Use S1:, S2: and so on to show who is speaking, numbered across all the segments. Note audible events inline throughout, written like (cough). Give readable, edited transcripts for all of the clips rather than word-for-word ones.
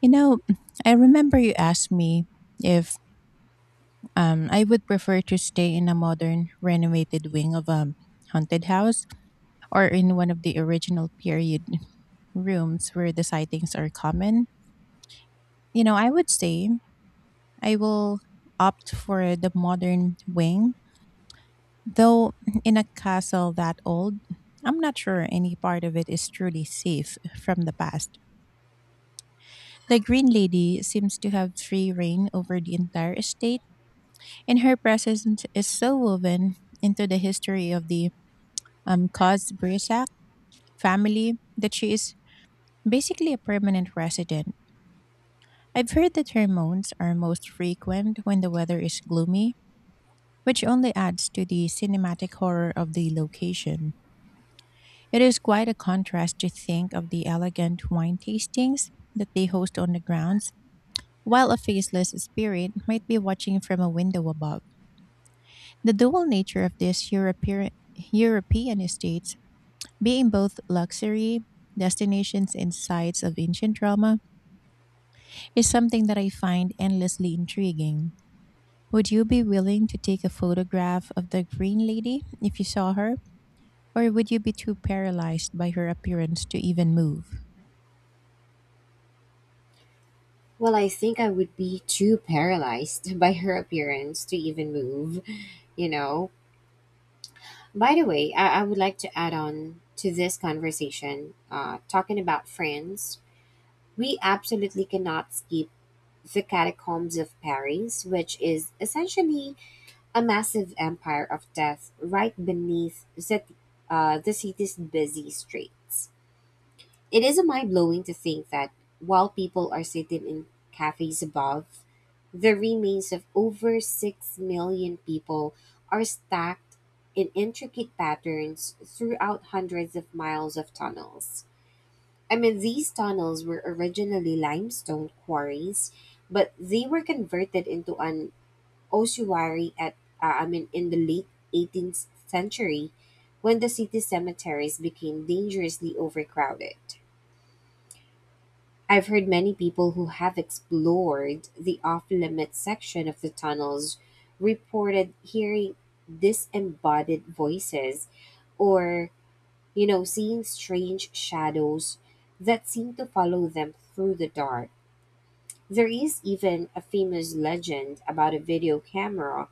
S1: You know, I remember you asked me if I would prefer to stay in a modern, renovated wing of a haunted house, or in one of the original period rooms where the sightings are common. You know, I would say I will opt for the modern wing, though in a castle that old, I'm not sure any part of it is truly safe from the past. The Green Lady seems to have free reign over the entire estate, and her presence is so woven into the history of the Cosbrisac family that she is basically a permanent resident. I've heard that her moans are most frequent when the weather is gloomy, which only adds to the cinematic horror of the location. It is quite a contrast to think of the elegant wine tastings that they host on the grounds, while a faceless spirit might be watching from a window above. The dual nature of this European estate, being both luxury destinations and sites of ancient Roma, is something that I find endlessly intriguing. Would you be willing to take a photograph of the Green Lady if you saw her? Or would you be too paralyzed by her appearance to even move?
S2: Well, I think I would be too paralyzed (laughs) by her appearance to even move, you know. By the way, I would like to add on to this conversation, talking about France. We absolutely cannot skip the catacombs of Paris, which is essentially a massive empire of death right beneath the city's busy streets. It is mind blowing to think that while people are sitting in cafes above, the remains of over 6 million people are stacked in intricate patterns throughout hundreds of miles of tunnels. I mean, these tunnels were originally limestone quarries, but they were converted into an ossuary in the late 18th century when the city cemeteries became dangerously overcrowded. I've heard many people who have explored the off limits section of the tunnels reported hearing disembodied voices or, seeing strange shadows that seem to follow them through the dark. There is even a famous legend about a video camera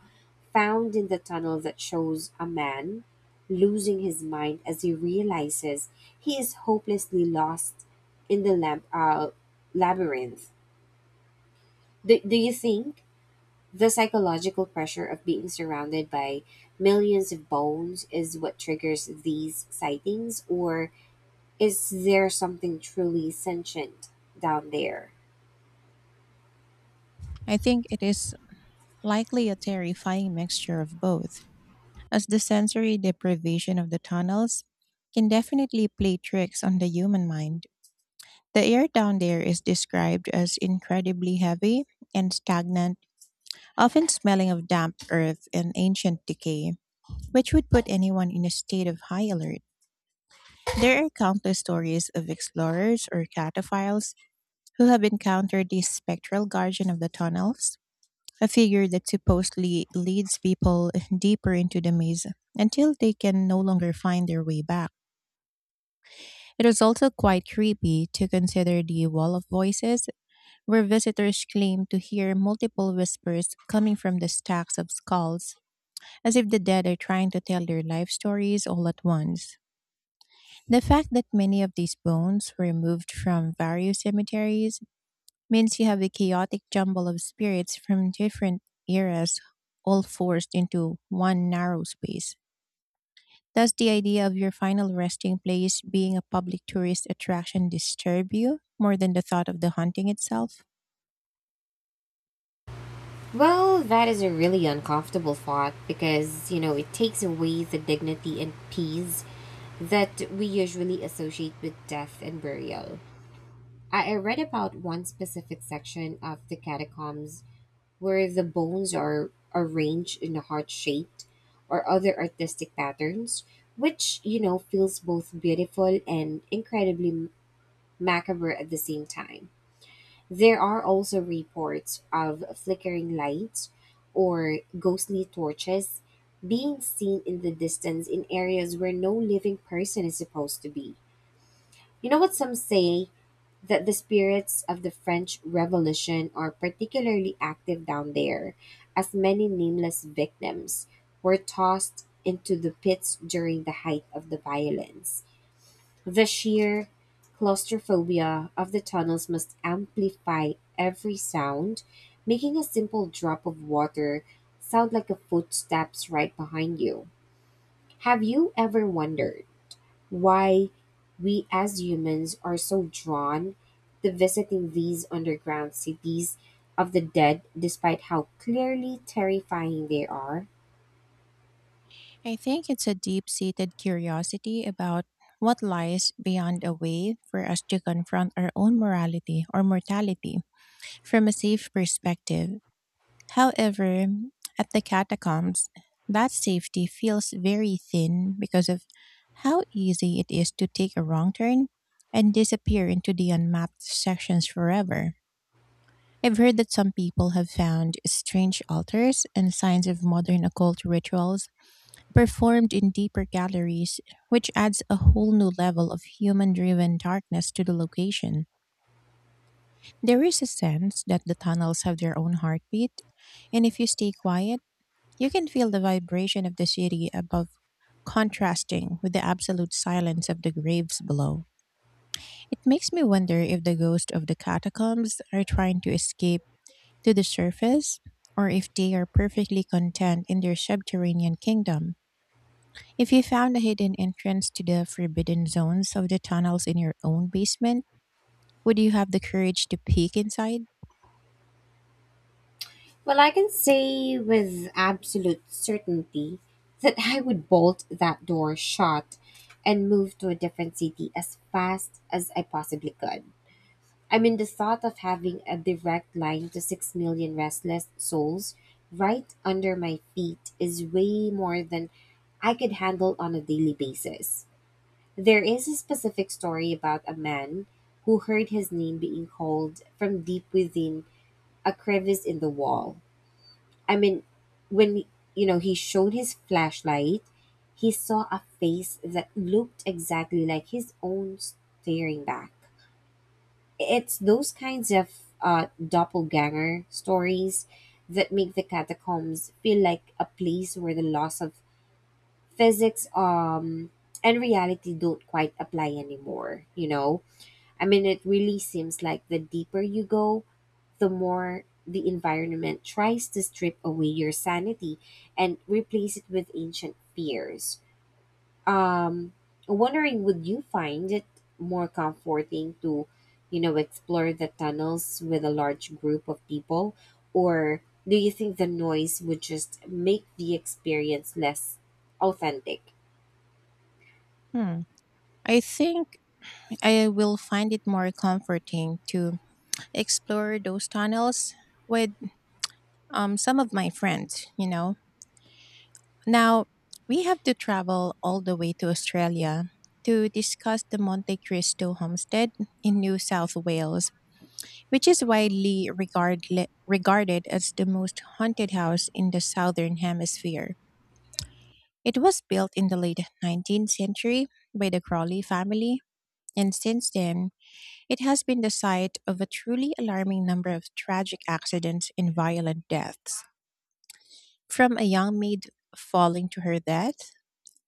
S2: found in the tunnel that shows a man losing his mind as he realizes he is hopelessly lost in the labyrinth. Do you think the psychological pressure of being surrounded by millions of bones is what triggers these sightings, or is there something truly sentient down there?
S1: I think it is likely a terrifying mixture of both, as the sensory deprivation of the tunnels can definitely play tricks on the human mind. The air down there is described as incredibly heavy and stagnant, often smelling of damp earth and ancient decay, which would put anyone in a state of high alert. There are countless stories of explorers or cataphiles who have encountered the spectral guardian of the tunnels, a figure that supposedly leads people deeper into the maze until they can no longer find their way back. It is also quite creepy to consider the wall of voices, where visitors claim to hear multiple whispers coming from the stacks of skulls, as if the dead are trying to tell their life stories all at once. The fact that many of these bones were moved from various cemeteries means you have a chaotic jumble of spirits from different eras, all forced into one narrow space. Does the idea of your final resting place being a public tourist attraction disturb you more than the thought of the haunting itself?
S2: Well, that is a really uncomfortable thought because, you know, it takes away the dignity and peace that we usually associate with death and burial. I read about one specific section of the catacombs where the bones are arranged in a heart shaped or other artistic patterns, which, you know, feels both beautiful and incredibly macabre at the same time. There are also reports of flickering lights or ghostly torches being seen in the distance in areas where no living person is supposed to be. You know what some say that the spirits of the French Revolution are particularly active down there, as many nameless victims were tossed into the pits during the height of the violence. The sheer claustrophobia of the tunnels must amplify every sound, making a simple drop of water sound like a footsteps right behind you. Have you ever wondered why we as humans are so drawn to visiting these underground cities of the dead, despite how clearly terrifying they are?
S1: I think it's a deep seated curiosity about what lies beyond, a way for us to confront our own morality or mortality from a safe perspective. However, at the catacombs, that safety feels very thin because of how easy it is to take a wrong turn and disappear into the unmapped sections forever. I've heard that some people have found strange altars and signs of modern occult rituals performed in deeper galleries, which adds a whole new level of human driven darkness to the location. There is a sense that the tunnels have their own heartbeat, and if you stay quiet, you can feel the vibration of the city above contrasting with the absolute silence of the graves below. It makes me wonder if the ghosts of the catacombs are trying to escape to the surface, or if they are perfectly content in their subterranean kingdom. If you found a hidden entrance to the forbidden zones of the tunnels in your own basement, would you have the courage to peek inside?
S2: Well, I can say with absolute certainty that I would bolt that door shut and move to a different city as fast as I possibly could. I mean, the thought of having a direct line to 6 million restless souls right under my feet is way more than I could handle on a daily basis. There is a specific story about a man who heard his name being called from deep within a crevice in the wall. I mean, when he showed his flashlight, he saw a face that looked exactly like his own staring back. It's those kinds of doppelganger stories that make the catacombs feel like a place where the loss of physics and reality don't quite apply anymore. I mean, it really seems like the deeper you go, the more the environment tries to strip away your sanity and replace it with ancient fears. um Wondering, would you find it more comforting to explore the tunnels with a large group of people, or do you think the noise would just make the experience less authentic?
S1: Hmm. I think I will find it more comforting to explore those tunnels with some of my friends, you know. Now, we have to travel all the way to Australia to discuss the Monte Cristo homestead in New South Wales, which is widely regarded as the most haunted house in the southern hemisphere. It was built in the late 19th century by the Crawley family, and since then, it has been the site of a truly alarming number of tragic accidents and violent deaths. From a young maid falling to her death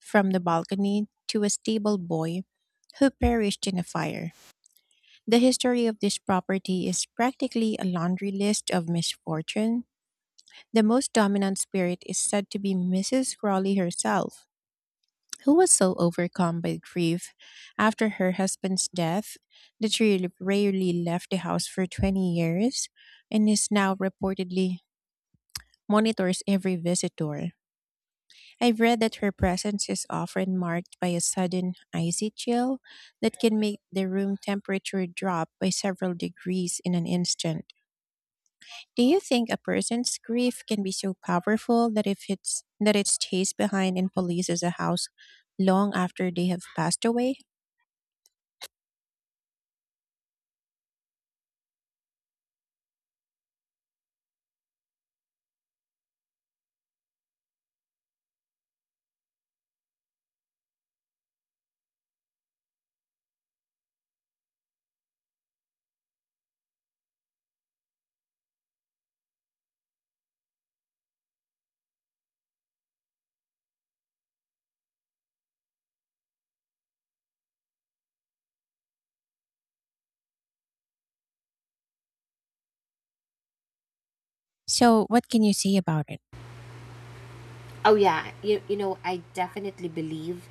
S1: from the balcony, to a stable boy who perished in a fire, the history of this property is practically a laundry list of misfortune. The most dominant spirit is said to be Mrs. Crawley herself, who was so overcome by grief after her husband's death that she rarely left the house for 20 years, and is now reportedly monitors every visitor. I've read that her presence is often marked by a sudden icy chill that can make the room temperature drop by several degrees in an instant. Do you think a person's grief can be so powerful that if it's that it's chased behind and polices a house long after they have passed away? So, what can you say about it?
S2: Oh yeah, you know, I definitely believe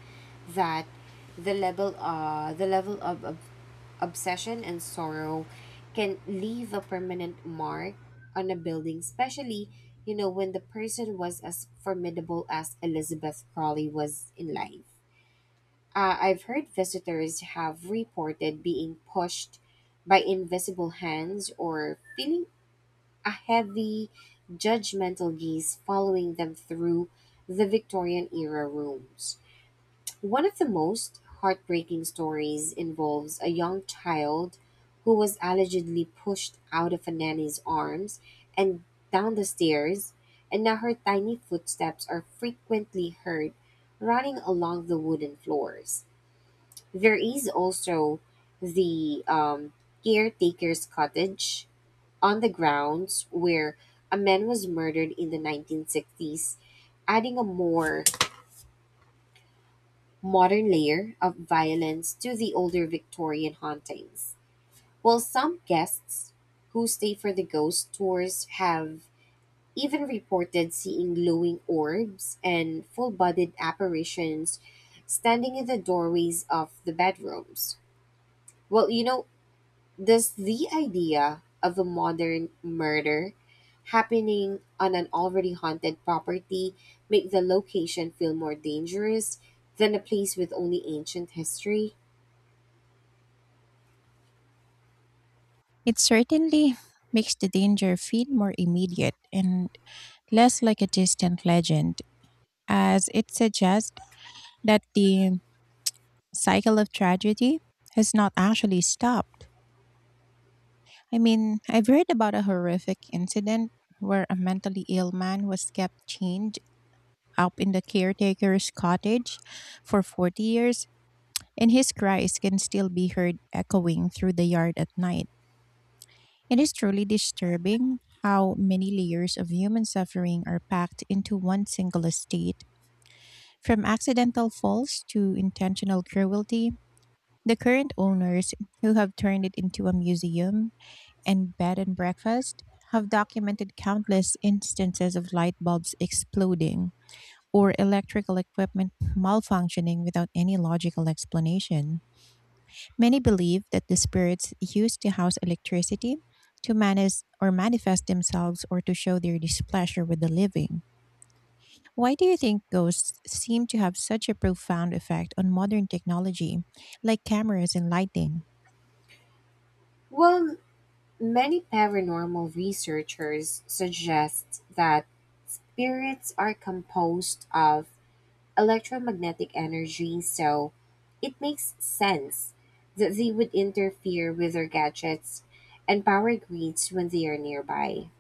S2: that the level of obsession and sorrow can leave a permanent mark on a building, especially you know when the person was as formidable as Elizabeth Crawley was in life. I've heard visitors have reported being pushed by invisible hands or feeling a heavy, judgmental gaze following them through the Victorian era rooms. One of the most heartbreaking stories involves a young child who was allegedly pushed out of a nanny's arms and down the stairs, and now her tiny footsteps are frequently heard running along the wooden floors. There is also the caretaker's cottage on the grounds where a man was murdered in the 1960s, adding a more modern layer of violence to the older Victorian hauntings. While some guests who stay for the ghost tours have even reported seeing glowing orbs and full bodied apparitions standing in the doorways of the bedrooms. Well, you know, does the idea of a modern murder happening on an already haunted property make the location feel more dangerous than a place with only ancient history?
S1: It certainly makes the danger feel more immediate and less like a distant legend, as it suggests that the cycle of tragedy has not actually stopped. I mean, I've read about a horrific incident where a mentally ill man was kept chained up in the caretaker's cottage for 40 years, and his cries can still be heard echoing through the yard at night. It is truly disturbing how many layers of human suffering are packed into one single estate. From accidental falls to intentional cruelty, the current owners, who have turned it into a museum and bed and breakfast, have documented countless instances of light bulbs exploding or electrical equipment malfunctioning without any logical explanation. Many believe that the spirits used to house electricity to manage or manifest themselves, or to show their displeasure with the living. Why do you think ghosts seem to have such a profound effect on modern technology, like cameras and lighting?
S2: Well, many paranormal researchers suggest that spirits are composed of electromagnetic energy, so it makes sense that they would interfere with their gadgets and power grids when they are nearby.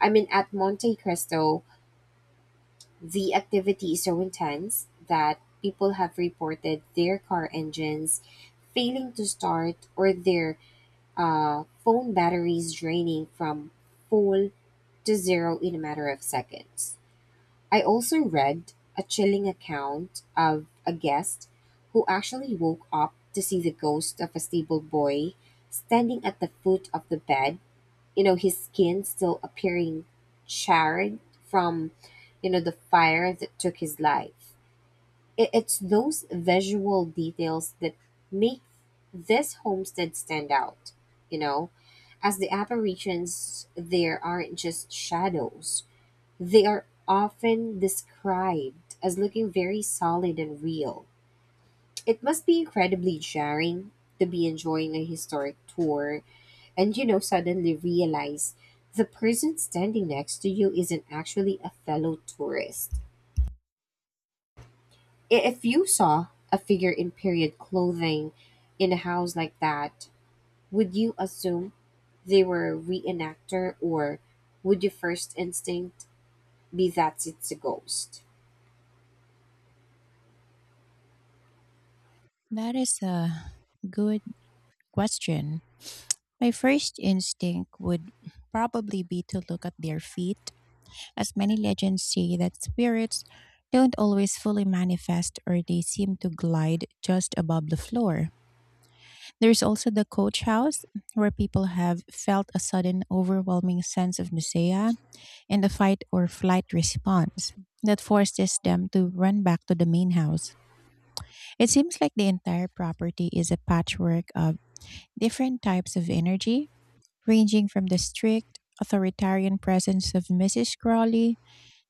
S2: I mean, at Monte Cristo, the activity is so intense that people have reported their car engines failing to start or their phone batteries draining from full to zero in a matter of seconds. I also read a chilling account of a guest who actually woke up to see the ghost of a stable boy standing at the foot of the bed, you know, his skin still appearing charred from, you know, the fire that took his life. It's those visual details that make this homestead stand out, you know, as the apparitions there aren't just shadows. They are often described as looking very solid and real. It must be incredibly jarring to be enjoying a historic tour and, you know, suddenly realize the person standing next to you isn't actually a fellow tourist. If you saw a figure in period clothing in a house like that, would you assume they were a reenactor, or would your first instinct be that it's a ghost?
S1: That is a good question. My first instinct would probably be to look at their feet, as many legends say that spirits don't always fully manifest, or they seem to glide just above the floor. There's also the coach house, where people have felt a sudden overwhelming sense of nausea and a fight or flight response that forces them to run back to the main house. It seems like the entire property is a patchwork of different types of energy, ranging from the strict, authoritarian presence of Mrs. Crawley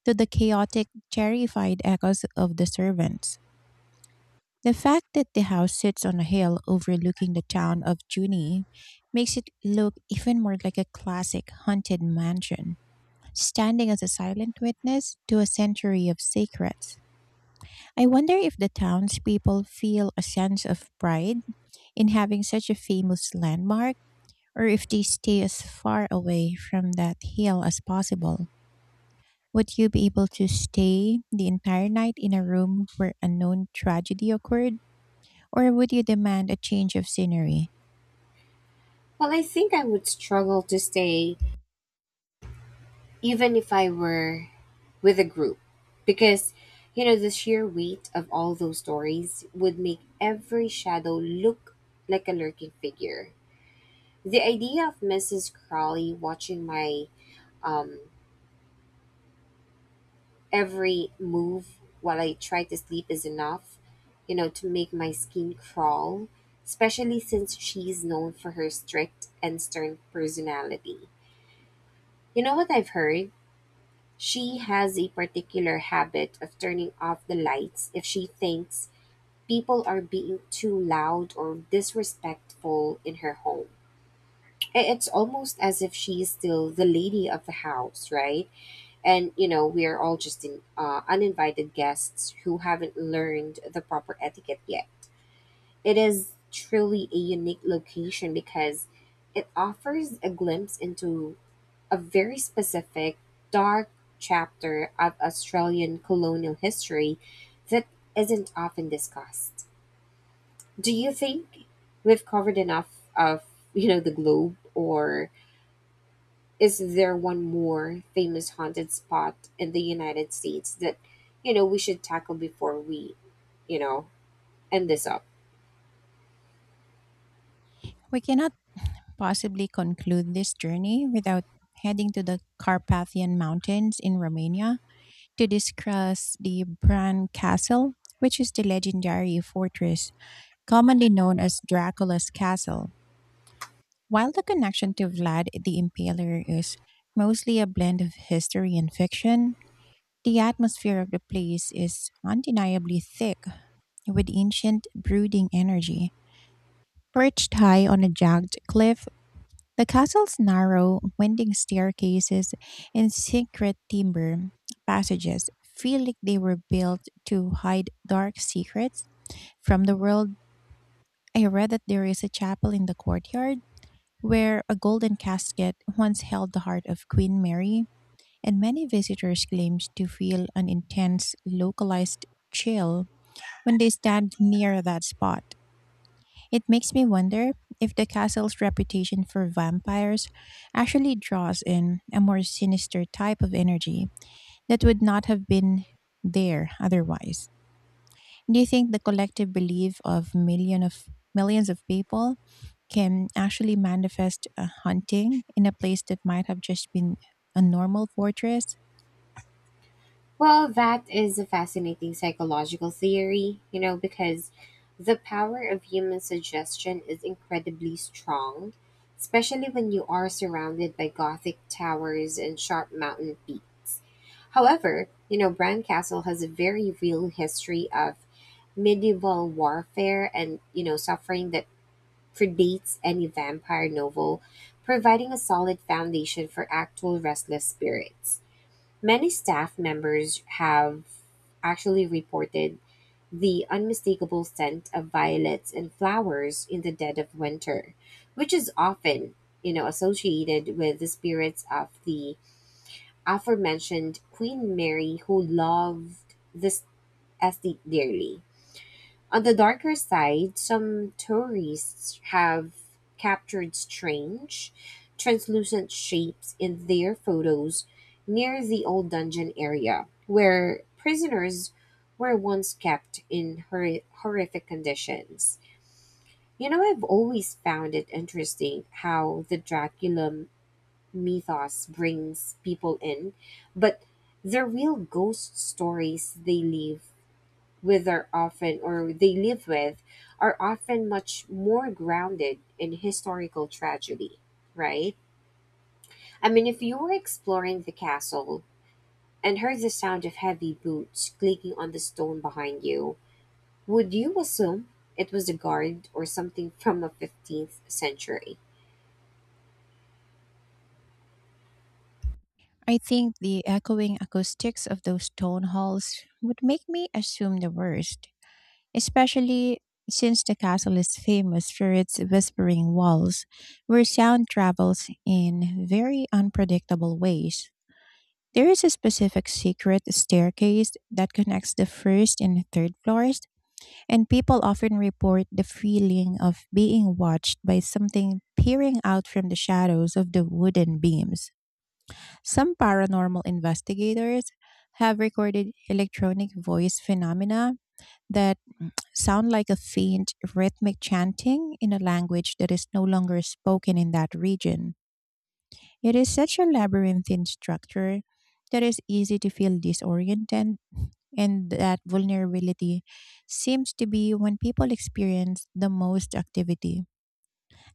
S1: to the chaotic, terrified echoes of the servants. The fact that the house sits on a hill overlooking the town of Junee makes it look even more like a classic haunted mansion, standing as a silent witness to a century of secrets. I wonder if the townspeople feel a sense of pride in having such a famous landmark, or if they stay as far away from that hill as possible. Would you be able to stay the entire night in a room where a known tragedy occurred, or would you demand a change of scenery?
S2: Well, I think I would struggle to stay even if I were with a group because, you know, the sheer weight of all those stories would make every shadow look like a lurking figure. The idea of Mrs. Crawley watching my um, every move while I try to sleep is enough, you know, to make my skin crawl, especially since she's known for her strict and stern personality. You know what I've heard, she has a particular habit of turning off the lights if she thinks people are being too loud or disrespectful in her home. It's almost as if she's still the lady of the house, right? And you know, we are all just in, uninvited guests who haven't learned the proper etiquette yet. It is truly a unique location because it offers a glimpse into a very specific, dark chapter of Australian colonial history that isn't often discussed. Do you think we've covered enough of, you know, the globe, or is there one more famous haunted spot in the United States that, we should tackle before we, you know, end this up?
S1: We cannot possibly conclude this journey without heading to the Carpathian Mountains in Romania to discuss the Bran Castle, which is the legendary fortress commonly known as Dracula's Castle. While the connection to Vlad the Impaler is mostly a blend of history and fiction, the atmosphere of the place is undeniably thick with ancient brooding energy. Perched high on a jagged cliff, the castle's narrow, winding staircases and secret timber passages feel like they were built to hide dark secrets from the world. I read that there is a chapel in the courtyard where a golden casket once held the heart of Queen Mary, and many visitors claim to feel an intense localized chill when they stand near that spot. It makes me wonder if the castle's reputation for vampires actually draws in a more sinister type of energy that would not have been there otherwise. Do you think the collective belief of millions of people can actually manifest a hunting in a place that might have just been a normal fortress?
S2: Well, that is a fascinating psychological theory, you know, because the power of human suggestion is incredibly strong, especially when you are surrounded by Gothic towers and sharp mountain peaks. However, you know, Bran Castle has a very real history of medieval warfare and, you know, suffering that predates any vampire novel, providing a solid foundation for actual restless spirits. Many staff members have actually reported the unmistakable scent of violets and flowers in the dead of winter, which is often, you know, associated with the spirits of the aforementioned Queen Mary, who loved this estate dearly. On the darker side, some tourists have captured strange, translucent shapes in their photos near the old dungeon area, where prisoners were once kept in horrific conditions. You know, I've always found it interesting how the Dracula mythos brings people in, but the real ghost stories they leave with are often, or they live with, are often much more grounded in historical tragedy, right? I mean, if you were exploring the castle and heard the sound of heavy boots clicking on the stone behind you, would you assume it was a guard or something from the 15th century?
S1: I think the echoing acoustics of those stone halls would make me assume the worst, especially since the castle is famous for its whispering walls, where sound travels in very unpredictable ways. There is a specific secret staircase that connects the first and third floors, and people often report the feeling of being watched by something peering out from the shadows of the wooden beams. Some paranormal investigators have recorded electronic voice phenomena that sound like a faint rhythmic chanting in a language that is no longer spoken in that region. It is such a labyrinthine structure that it's easy to feel disoriented, and that vulnerability seems to be when people experience the most activity.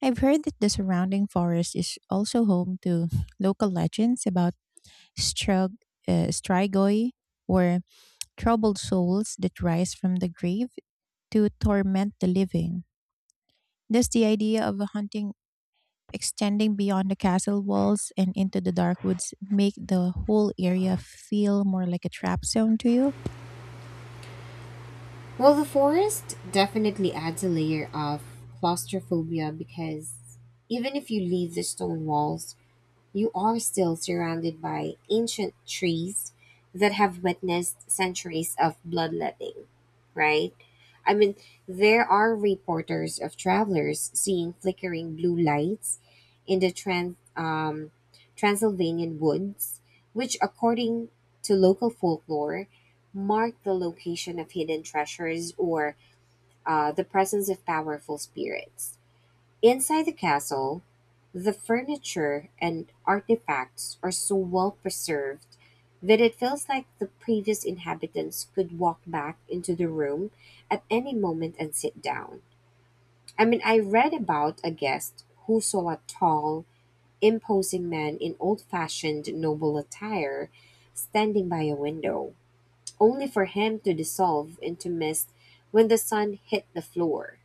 S1: I've heard that the surrounding forest is also home to (laughs) local legends about strug- strigoi, or troubled souls that rise from the grave to torment the living. Does the idea of hunting extending beyond the castle walls and into the dark woods make the whole area feel more like a trap zone to you?
S2: Well, the forest definitely adds a layer of claustrophobia because even if you leave the stone walls, you are still surrounded by ancient trees that have witnessed centuries of bloodletting, right? I mean, there are reporters of travelers seeing flickering blue lights in the Transylvanian woods, which, according to local folklore, mark the location of hidden treasures or the presence of powerful spirits. Inside the castle, the furniture and artifacts are so well preserved that it feels like the previous inhabitants could walk back into the room at any moment and sit down. I mean, I read about a guest who saw a tall, imposing man in old fashioned noble attire standing by a window, only for him to dissolve into mist when the sun hit the floor.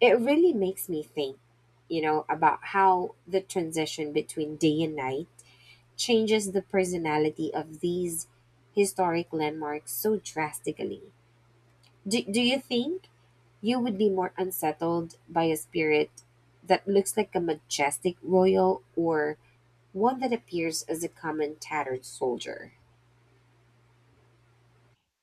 S2: It really makes me think, you know, about how the transition between day and night changes the personality of these historic landmarks so drastically. Do you think you would be more unsettled by a spirit that looks like a majestic royal, or one that appears as a common tattered soldier?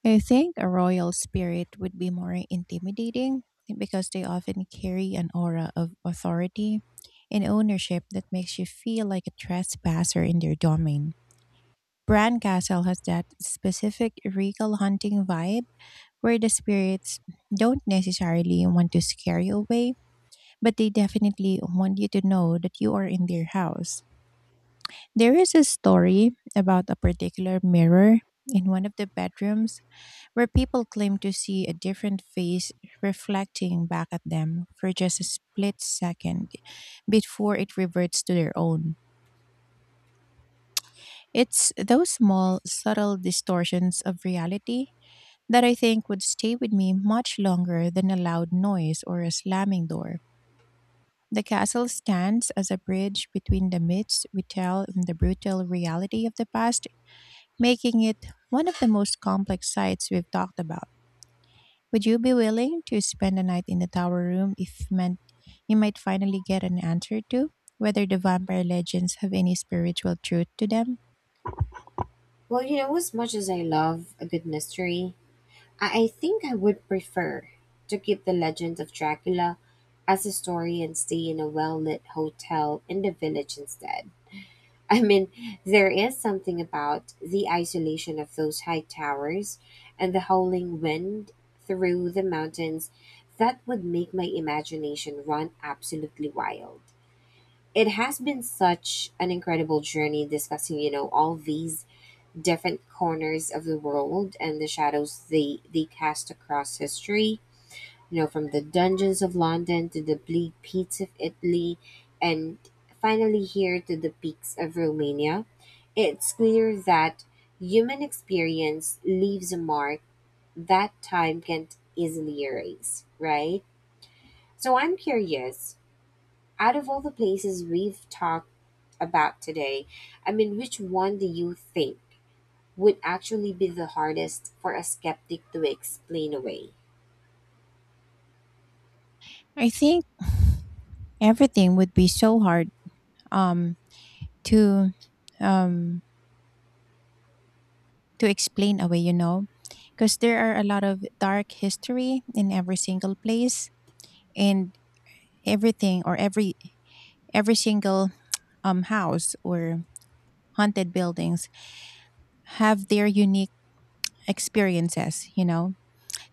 S1: I think a royal spirit would be more intimidating because they often carry an aura of authority and ownership that makes you feel like a trespasser in their domain. Bran Castle has that specific regal hunting vibe, where the spirits don't necessarily want to scare you away, but they definitely want you to know that you are in their house. There is a story about a particular mirror in one of the bedrooms where people claim to see a different face reflecting back at them for just a split second before it reverts to their own. It's those small, subtle distortions of reality that I think would stay with me much longer than a loud noise or a slamming door. The castle stands as a bridge between the myths we tell and the brutal reality of the past, making it one of the most complex sites we've talked about. Would you be willing to spend a night in the tower room if meant you might finally get an answer to whether the vampire legends have any spiritual truth to them?
S2: Well, you know, as much as I love a good mystery, I think I would prefer to keep the legend of Dracula as a story and stay in a well lit hotel in the village instead. I mean, there is something about the isolation of those high towers and the howling wind through the mountains that would make my imagination run absolutely wild. It has been such an incredible journey discussing, you know, all these different corners of the world and the shadows they cast across history, you know, from the dungeons of London to the bleak peaks of Italy and finally here to the peaks of Romania. It's clear that human experience leaves a mark that time can't easily erase, right? So I'm curious, out of all the places we've talked about today, I mean, which one do you think would actually be the hardest for a skeptic to explain away?
S1: I think everything would be so hard um to um to explain away, you know, because there are a lot of dark history in every single place, and everything, or every single house or haunted buildings have their unique experiences, you know.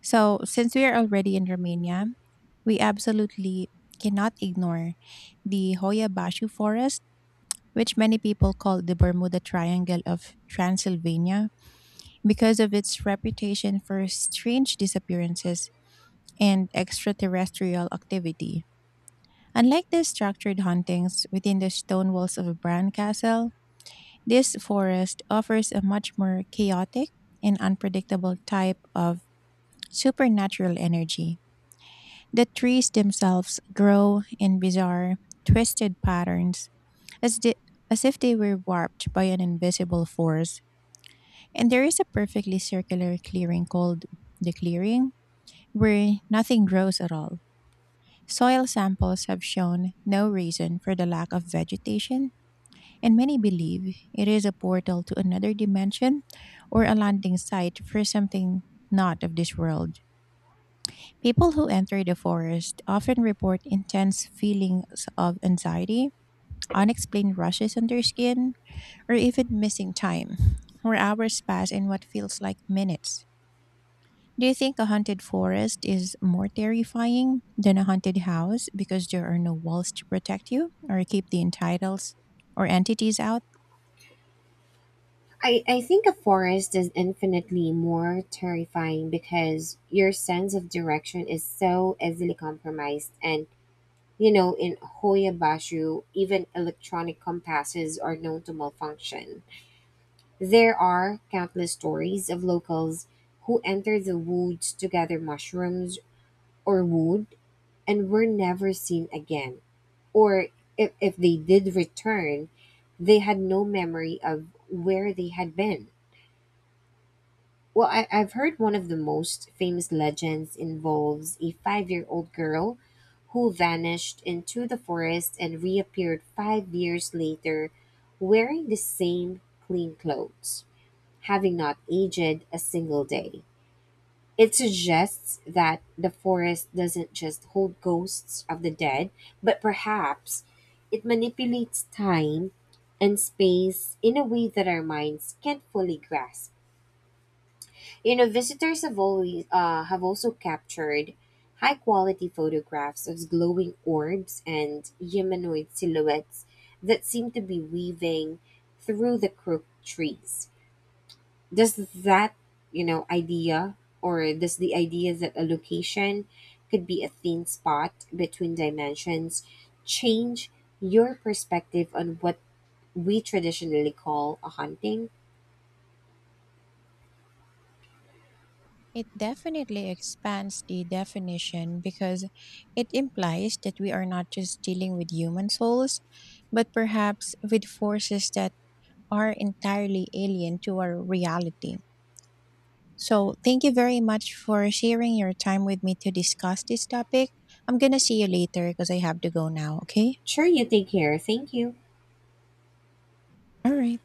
S1: So since we are already in Romania, we absolutely cannot ignore the Hoya Bashu forest, which many people call the Bermuda Triangle of Transylvania, because of its reputation for strange disappearances and extraterrestrial activity. Unlike the structured hauntings within the stone walls of Bran Castle, this forest offers a much more chaotic and unpredictable type of supernatural energy. The trees themselves grow in bizarre, twisted patterns, as, the, as if they were warped by an invisible force. And there is a perfectly circular clearing called the clearing, where nothing grows at all. Soil samples have shown no reason for the lack of vegetation, and many believe it is a portal to another dimension, or a landing site for something not of this world. People who enter the forest often report intense feelings of anxiety, unexplained rushes on their skin, or even missing time, where hours pass in what feels like minutes. Do you think a haunted forest is more terrifying than a haunted house because there are no walls to protect you or keep the entitles or entities out?
S2: I think a forest is infinitely more terrifying because your sense of direction is so easily compromised. And, you know, in Hoya Bashu, even electronic compasses are known to malfunction. There are countless stories of locals who enter the woods to gather mushrooms or wood and were never seen again, or if they did return, they had no memory of where they had been. Well, I've heard one of the most famous legends involves a 5 year old girl who vanished into the forest and reappeared 5 years later wearing the same clean clothes, having not aged a single day. It suggests that the forest doesn't just hold ghosts of the dead, but perhaps it manipulates time and space in a way that our minds can't fully grasp. You know, visitors have always have also captured high quality photographs of glowing orbs and humanoid silhouettes that seem to be weaving through the crooked trees. Does that, idea, or does the idea that a location could be a thin spot between dimensions change your perspective on what we traditionally call a haunting?
S1: It definitely expands the definition because it implies that we are not just dealing with human souls, but perhaps with forces that are entirely alien to our reality. So, thank you very much for sharing your time with me to discuss this topic. I'm gonna see you later because I have to go now, okay?
S2: Sure, you take care, thank you.
S1: All right.